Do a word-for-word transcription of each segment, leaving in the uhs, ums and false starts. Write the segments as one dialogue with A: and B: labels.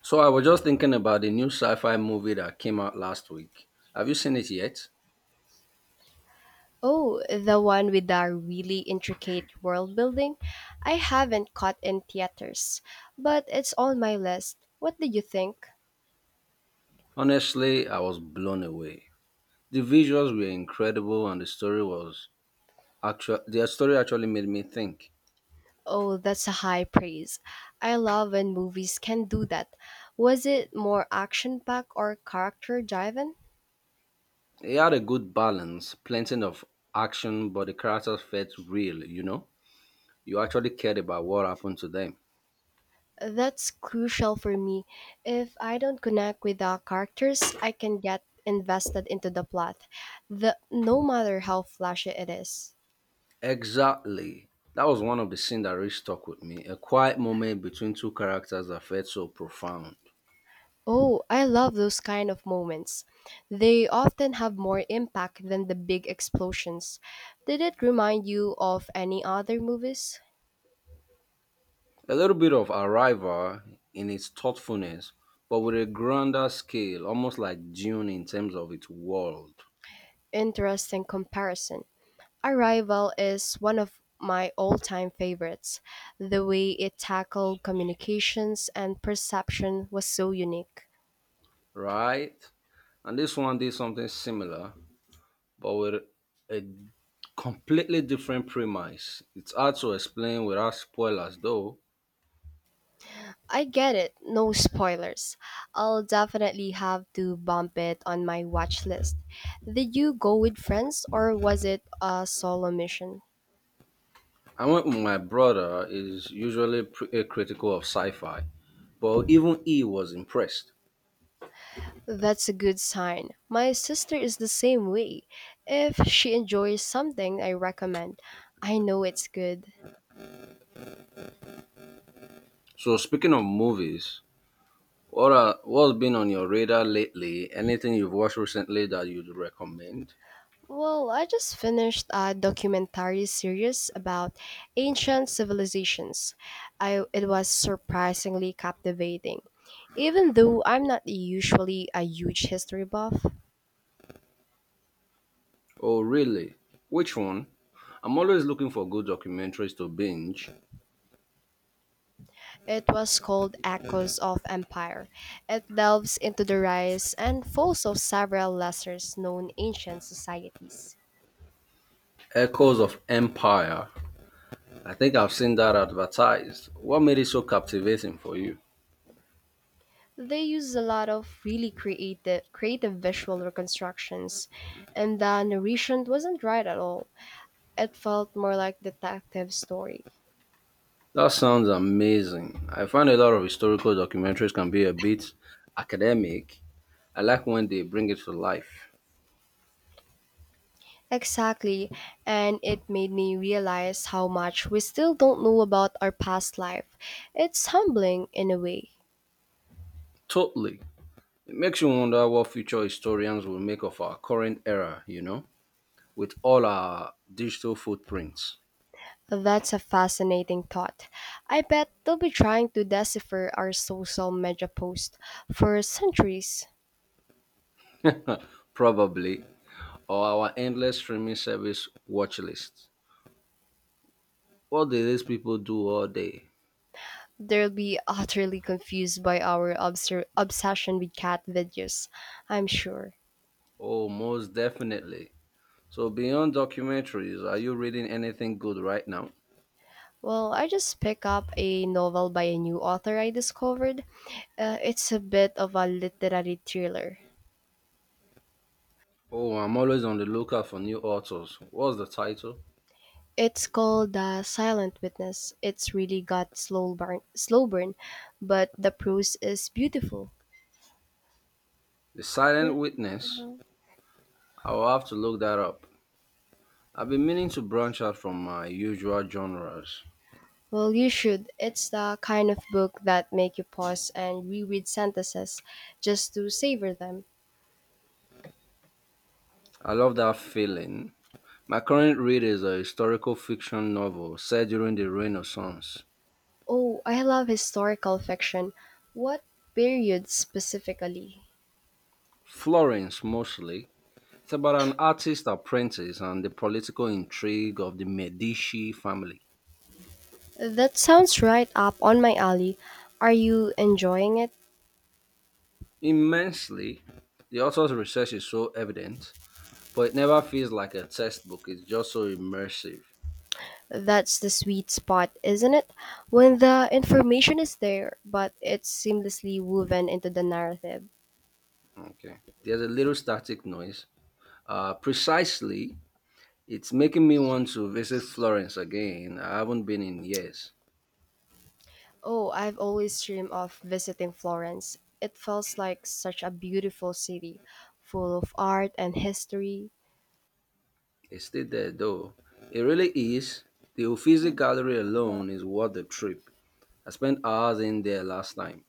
A: So I was just thinking about the new sci-fi movie that came out last week. Have you seen it yet?
B: Oh, the one with the really intricate world building? I haven't caught in theaters, but it's on my list. What did you think?
A: Honestly, I was blown away. The visuals were incredible and the story was actual the story actually made me think.
B: Oh, that's a high praise. I love when movies can do that. Was it more action packed or character driven?
A: It had a good balance, plenty of action, but the characters felt real, you know? You actually cared about what happened to them.
B: That's crucial for me. If I don't connect with the characters, I can get invested into the plot, the, no matter how flashy it is.
A: Exactly. That was one of the scenes that really stuck with me. A quiet moment between two characters that felt so profound.
B: Oh, I love those kind of moments. They often have more impact than the big explosions. Did it remind you of any other movies?
A: A little bit of Arrival in its thoughtfulness, but with a grander scale, almost like Dune in terms of its world,
B: Interesting comparison. Arrival is one of my all time favorites. The way it tackled communications and perception was so unique.
A: right? And this one did something similar, but with a completely different premise. It's hard to explain without spoilers, though.
B: I get it, no spoilers. I'll definitely have to bump it on my watch list. Did you go with friends or was it a solo mission?
A: I went with my brother, is usually pretty critical of sci fi, but even he was impressed.
B: That's a good sign. My sister is the same way. If she enjoys something I recommend, I know it's good.
A: So, speaking of movies, What are, what's been on your radar lately? Anything you've watched recently that you'd recommend?
B: Well, I just finished a documentary series about ancient civilizations. I, it was surprisingly captivating. Even though I'm not usually a huge history buff,
A: Oh, really? Which one? I'm always looking for good documentaries to binge.
B: it was called Echoes of Empire. It delves into the rise and falls of several lesser known ancient societies.
A: Echoes of Empire. I think I've seen that advertised. What made it so captivating for you?
B: They use a lot of really creative creative visual reconstructions, and the narration wasn't right at all. It felt more like detective story.
A: That sounds amazing. I find a lot of historical documentaries can be a bit academic. I like when they bring it to life.
B: Exactly, and it made me realize how much we still don't know about our past life. It's humbling in a way.
A: Totally. It makes you wonder what future historians will make of our current era, you know, with all our digital footprints,
B: That's a fascinating thought. I bet they'll be trying to decipher our social media posts for centuries.
A: probably, or our endless streaming service watch list. What do these people do all day?
B: They'll be utterly confused by our obser- obsession with cat videos, I'm sure.
A: Oh, most definitely. So, beyond documentaries, are you reading anything good right now?
B: Well, I just pick up a novel by a new author I discovered. Uh, it's a bit of a literary thriller.
A: Oh, I'm always on the lookout for new authors. What's the title?
B: It's called The Silent Witness. It's really got slow burn, slow burn, but the prose is beautiful.
A: The Silent Witness. I will have to look that up. I've been meaning to branch out from my usual genres.
B: Well, you should. It's the kind of book that make you pause and reread sentences just to savor them.
A: I love that feeling. My current read is a historical fiction novel set during the Renaissance,
B: Oh, I love historical fiction. What period specifically?
A: Florence mostly. It's about an artist apprentice and the political intrigue of the Medici family.
B: That sounds right up on my alley. Are you enjoying it?
A: Immensely, the author's research is so evident, but it never feels like a textbook. It's just so immersive.
B: That's the sweet spot, isn't it? When the information is there, but it's seamlessly woven into the narrative.
A: Okay. There's a little static noise. Uh, precisely, it's making me want to visit Florence again. I haven't been in years.
B: Oh, I've always dreamed of visiting Florence. It feels like such a beautiful city, full of art and history.
A: It's still there though. It really is. The Uffizi Gallery alone is worth the trip. I spent hours in there last time.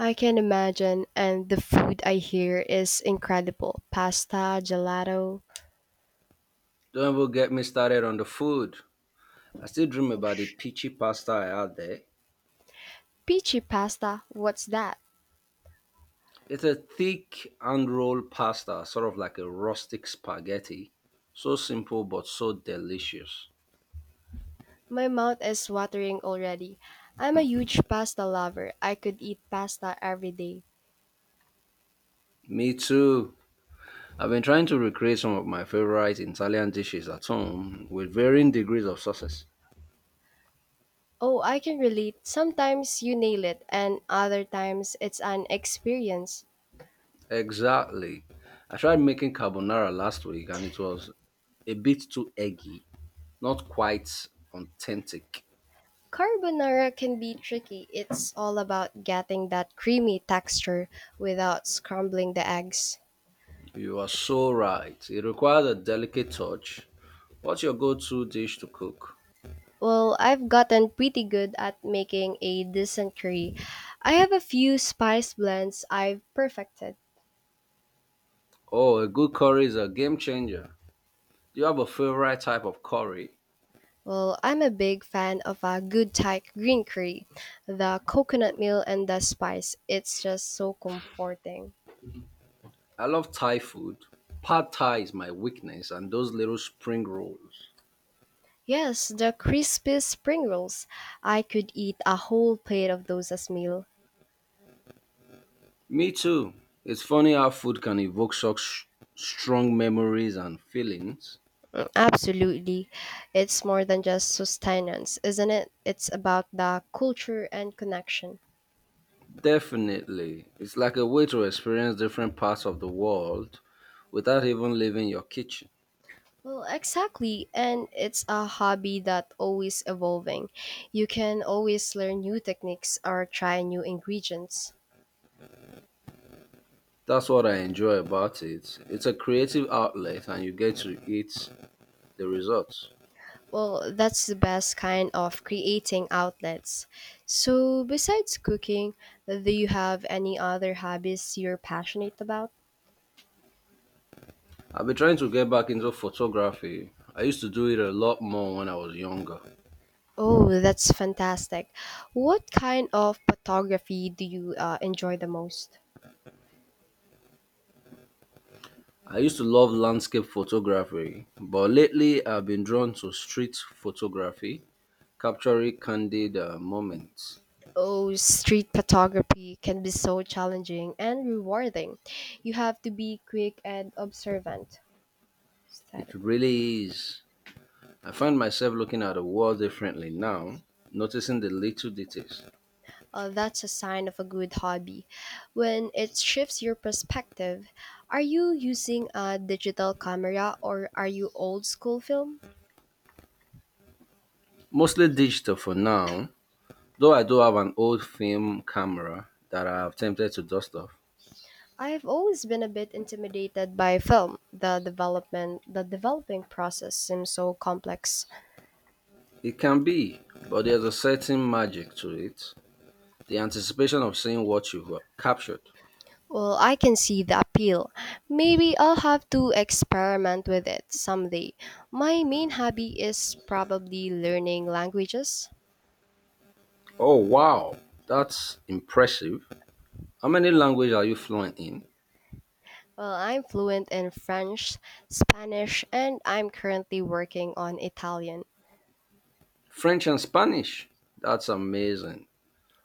B: I can imagine, and the food I hear is incredible. Pasta, gelato.
A: Don't even get me started on the food. I still dream
B: Oh,
A: about the
B: sh-
A: peachy pasta I had there.
B: peachy pasta, what's that?
A: It's a thick hand rolled pasta, sort of like a rustic spaghetti. So simple but so delicious.
B: My mouth is watering already. I'm a huge pasta lover. I could eat pasta every day.
A: Me too. I've been trying to recreate some of my favorite Italian dishes at home with varying degrees of success.
B: Oh, I can relate. Sometimes you nail it, and other times it's an experience.
A: Exactly. I tried making carbonara last week and it was a bit too eggy, not quite authentic.
B: Carbonara can be tricky. It's all about getting that creamy texture without scrambling the eggs.
A: You are so right. It requires a delicate touch. What's your go to dish to cook?
B: Well, I've gotten pretty good at making a decent curry. I have a few spice blends I've perfected.
A: Oh, a good curry is a game changer. Do you have a favorite type of curry?
B: Well, I'm a big fan of a good Thai green curry. The coconut meal and the spice, it's just so comforting.
A: I love Thai food. Pad Thai is my weakness, and those little spring rolls.
B: Yes, the crispy spring rolls. I could eat a whole plate of those as meal.
A: Me too. It's funny how food can evoke such strong memories and feelings.
B: Mm, absolutely. It's more than just sustenance, isn't it? It's about the culture and connection.
A: Definitely. It's like a way to experience different parts of the world without even leaving your kitchen.
B: Well, exactly. And it's a hobby that always evolving. You can always learn new techniques or try new ingredients.
A: That's what I enjoy about it. It's a creative outlet and you get to eat the results.
B: Well, that's the best kind of creating outlets. So, besides cooking, do you have any other hobbies you're passionate about?
A: I've been trying to get back into photography. I used to do it a lot more when I was younger.
B: Oh, that's fantastic. What kind of photography do you uh, enjoy the most?
A: I used to love landscape photography, but lately I've been drawn to street photography, capturing candid uh, moments.
B: Oh, street photography can be so challenging and rewarding. You have to be quick and observant.
A: It
B: Static.
A: really is. I find myself looking at the world differently now, noticing the little details.
B: Uh, that's a sign of a good hobby. When it shifts your perspective, are you using a digital camera or are you old school film?
A: Mostly digital for now, though I do have an old film camera that I have tempted to dust off.
B: I've always been a bit intimidated by film. The development, the developing process seems so complex.
A: It can be, but there's a certain magic to it. The anticipation of seeing what you've captured.
B: Well, I can see the appeal. Maybe I'll have to experiment with it someday. My main hobby is probably learning languages.
A: Oh wow, that's impressive. How many languages are you fluent in?
B: Well, I'm fluent in French, Spanish, and I'm currently working on Italian.
A: French and Spanish. That's amazing.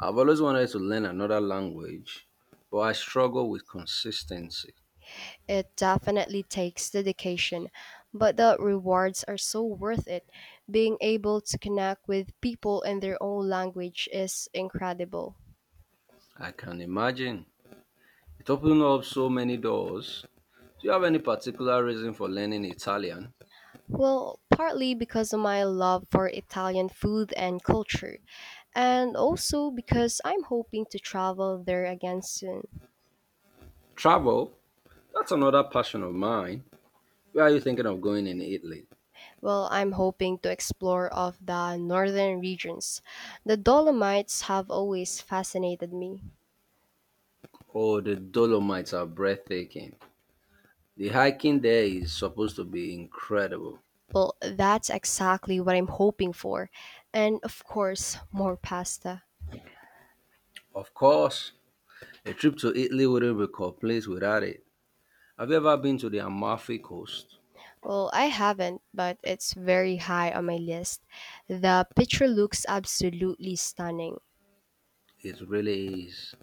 A: I've always wanted to learn another language, but I struggle with consistency.
B: It definitely takes dedication, but the rewards are so worth it. Being able to connect with people in their own language is incredible.
A: I can imagine. It opened up so many doors. Do you have any particular reason for learning Italian?
B: Well, partly because of my love for Italian food and culture, and also because I'm hoping to travel there again soon.
A: Travel? That's another passion of mine. Where are you thinking of going in Italy?
B: Well, I'm hoping to explore of the northern regions. The Dolomites have always fascinated me.
A: Oh, the Dolomites are breathtaking. The hiking there is supposed to be incredible.
B: Well, that's exactly what I'm hoping for. And of course, more pasta.
A: Of course, a trip to Italy wouldn't be complete without it. Have you ever been to the Amalfi Coast?
B: Well, I haven't, but it's very high on my list. The picture looks absolutely stunning.
A: It really is.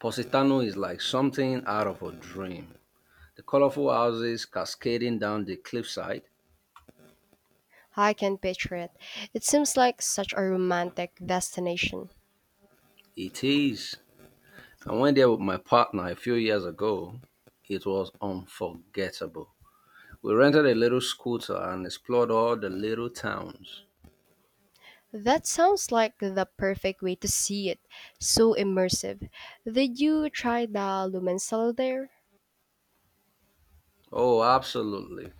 A: Positano is like something out of a dream, the colorful houses cascading down the cliffside.
B: I can picture it. It seems like such a romantic destination.
A: It is. I went there with my partner a few years ago. It was unforgettable. We rented a little scooter and explored all the little towns.
B: That sounds like the perfect way to see it. So immersive. Did you try the lumen cellar there?
A: Oh, absolutely.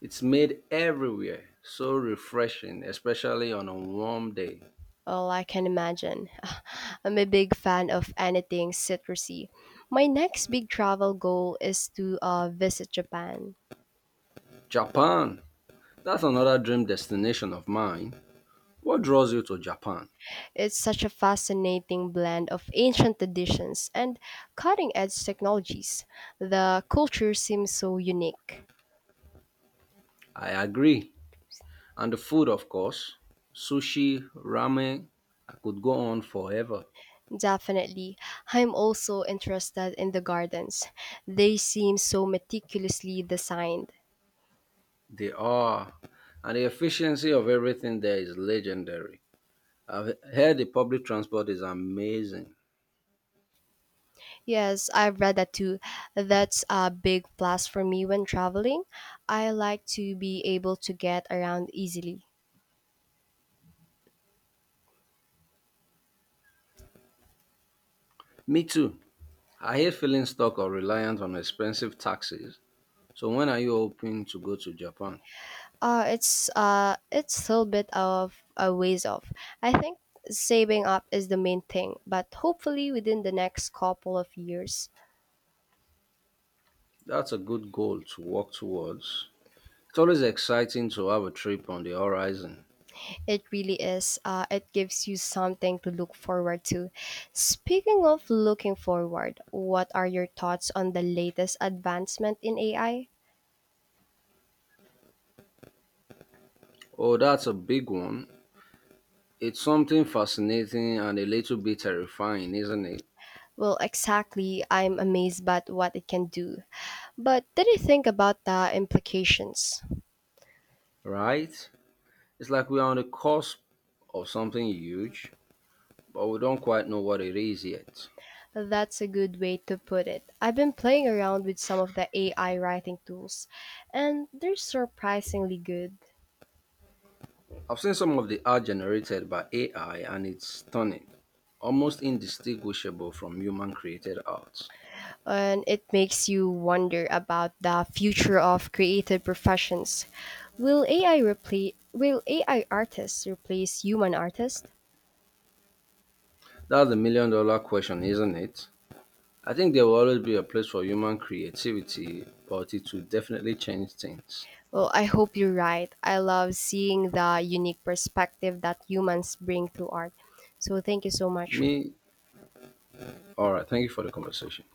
A: It's made everywhere so refreshing, especially on a warm day.
B: Oh, I can imagine. I'm a big fan of anything citrusy. My next big travel goal is to uh, visit Japan.
A: Japan. That's another dream destination of mine. What draws you to Japan?
B: It's such a fascinating blend of ancient traditions and cutting edge technologies. The culture seems so unique.
A: I agree. And the food, of course, sushi, ramen. I could go on forever.
B: Definitely. I'm also interested in the gardens. They seem so meticulously designed.
A: They are. And the efficiency of everything there is legendary. I've heard the public transport is amazing.
B: Yes, I've read that too. That's a big plus for me when traveling. I like to be able to get around easily.
A: Me too. I hate feeling stuck or reliant on expensive taxis. So when are you hoping to go to Japan?
B: Uh, it's uh, it's still a bit of a ways off. I think saving up is the main thing, but hopefully within the next couple of years.
A: That's a good goal to work towards. It's always exciting to have a trip on the horizon.
B: It really is. Uh, it gives you something to look forward to. Speaking of looking forward, what are your thoughts on the latest advancement in A I?
A: Oh, that's a big one. It's something fascinating and a little bit terrifying, isn't it?
B: Well, exactly. I'm amazed by what it can do. But did you think about the implications?
A: Right? It's like we're on the cusp of something huge, but we don't quite know what it is yet.
B: That's a good way to put it. I've been playing around with some of the A I writing tools, and they're surprisingly good.
A: I've seen some of the art generated by A I and it's stunning, almost indistinguishable from human created art.
B: And it makes you wonder about the future of creative professions. Will AI replace will A I artists replace human artists?
A: That's the million dollar question, isn't it? I think there will always be a place for human creativity, but it will definitely change things.
B: Well, I hope you're right. I love seeing the unique perspective that humans bring to art. So thank you so much.
A: Me, alright, thank you for the conversation.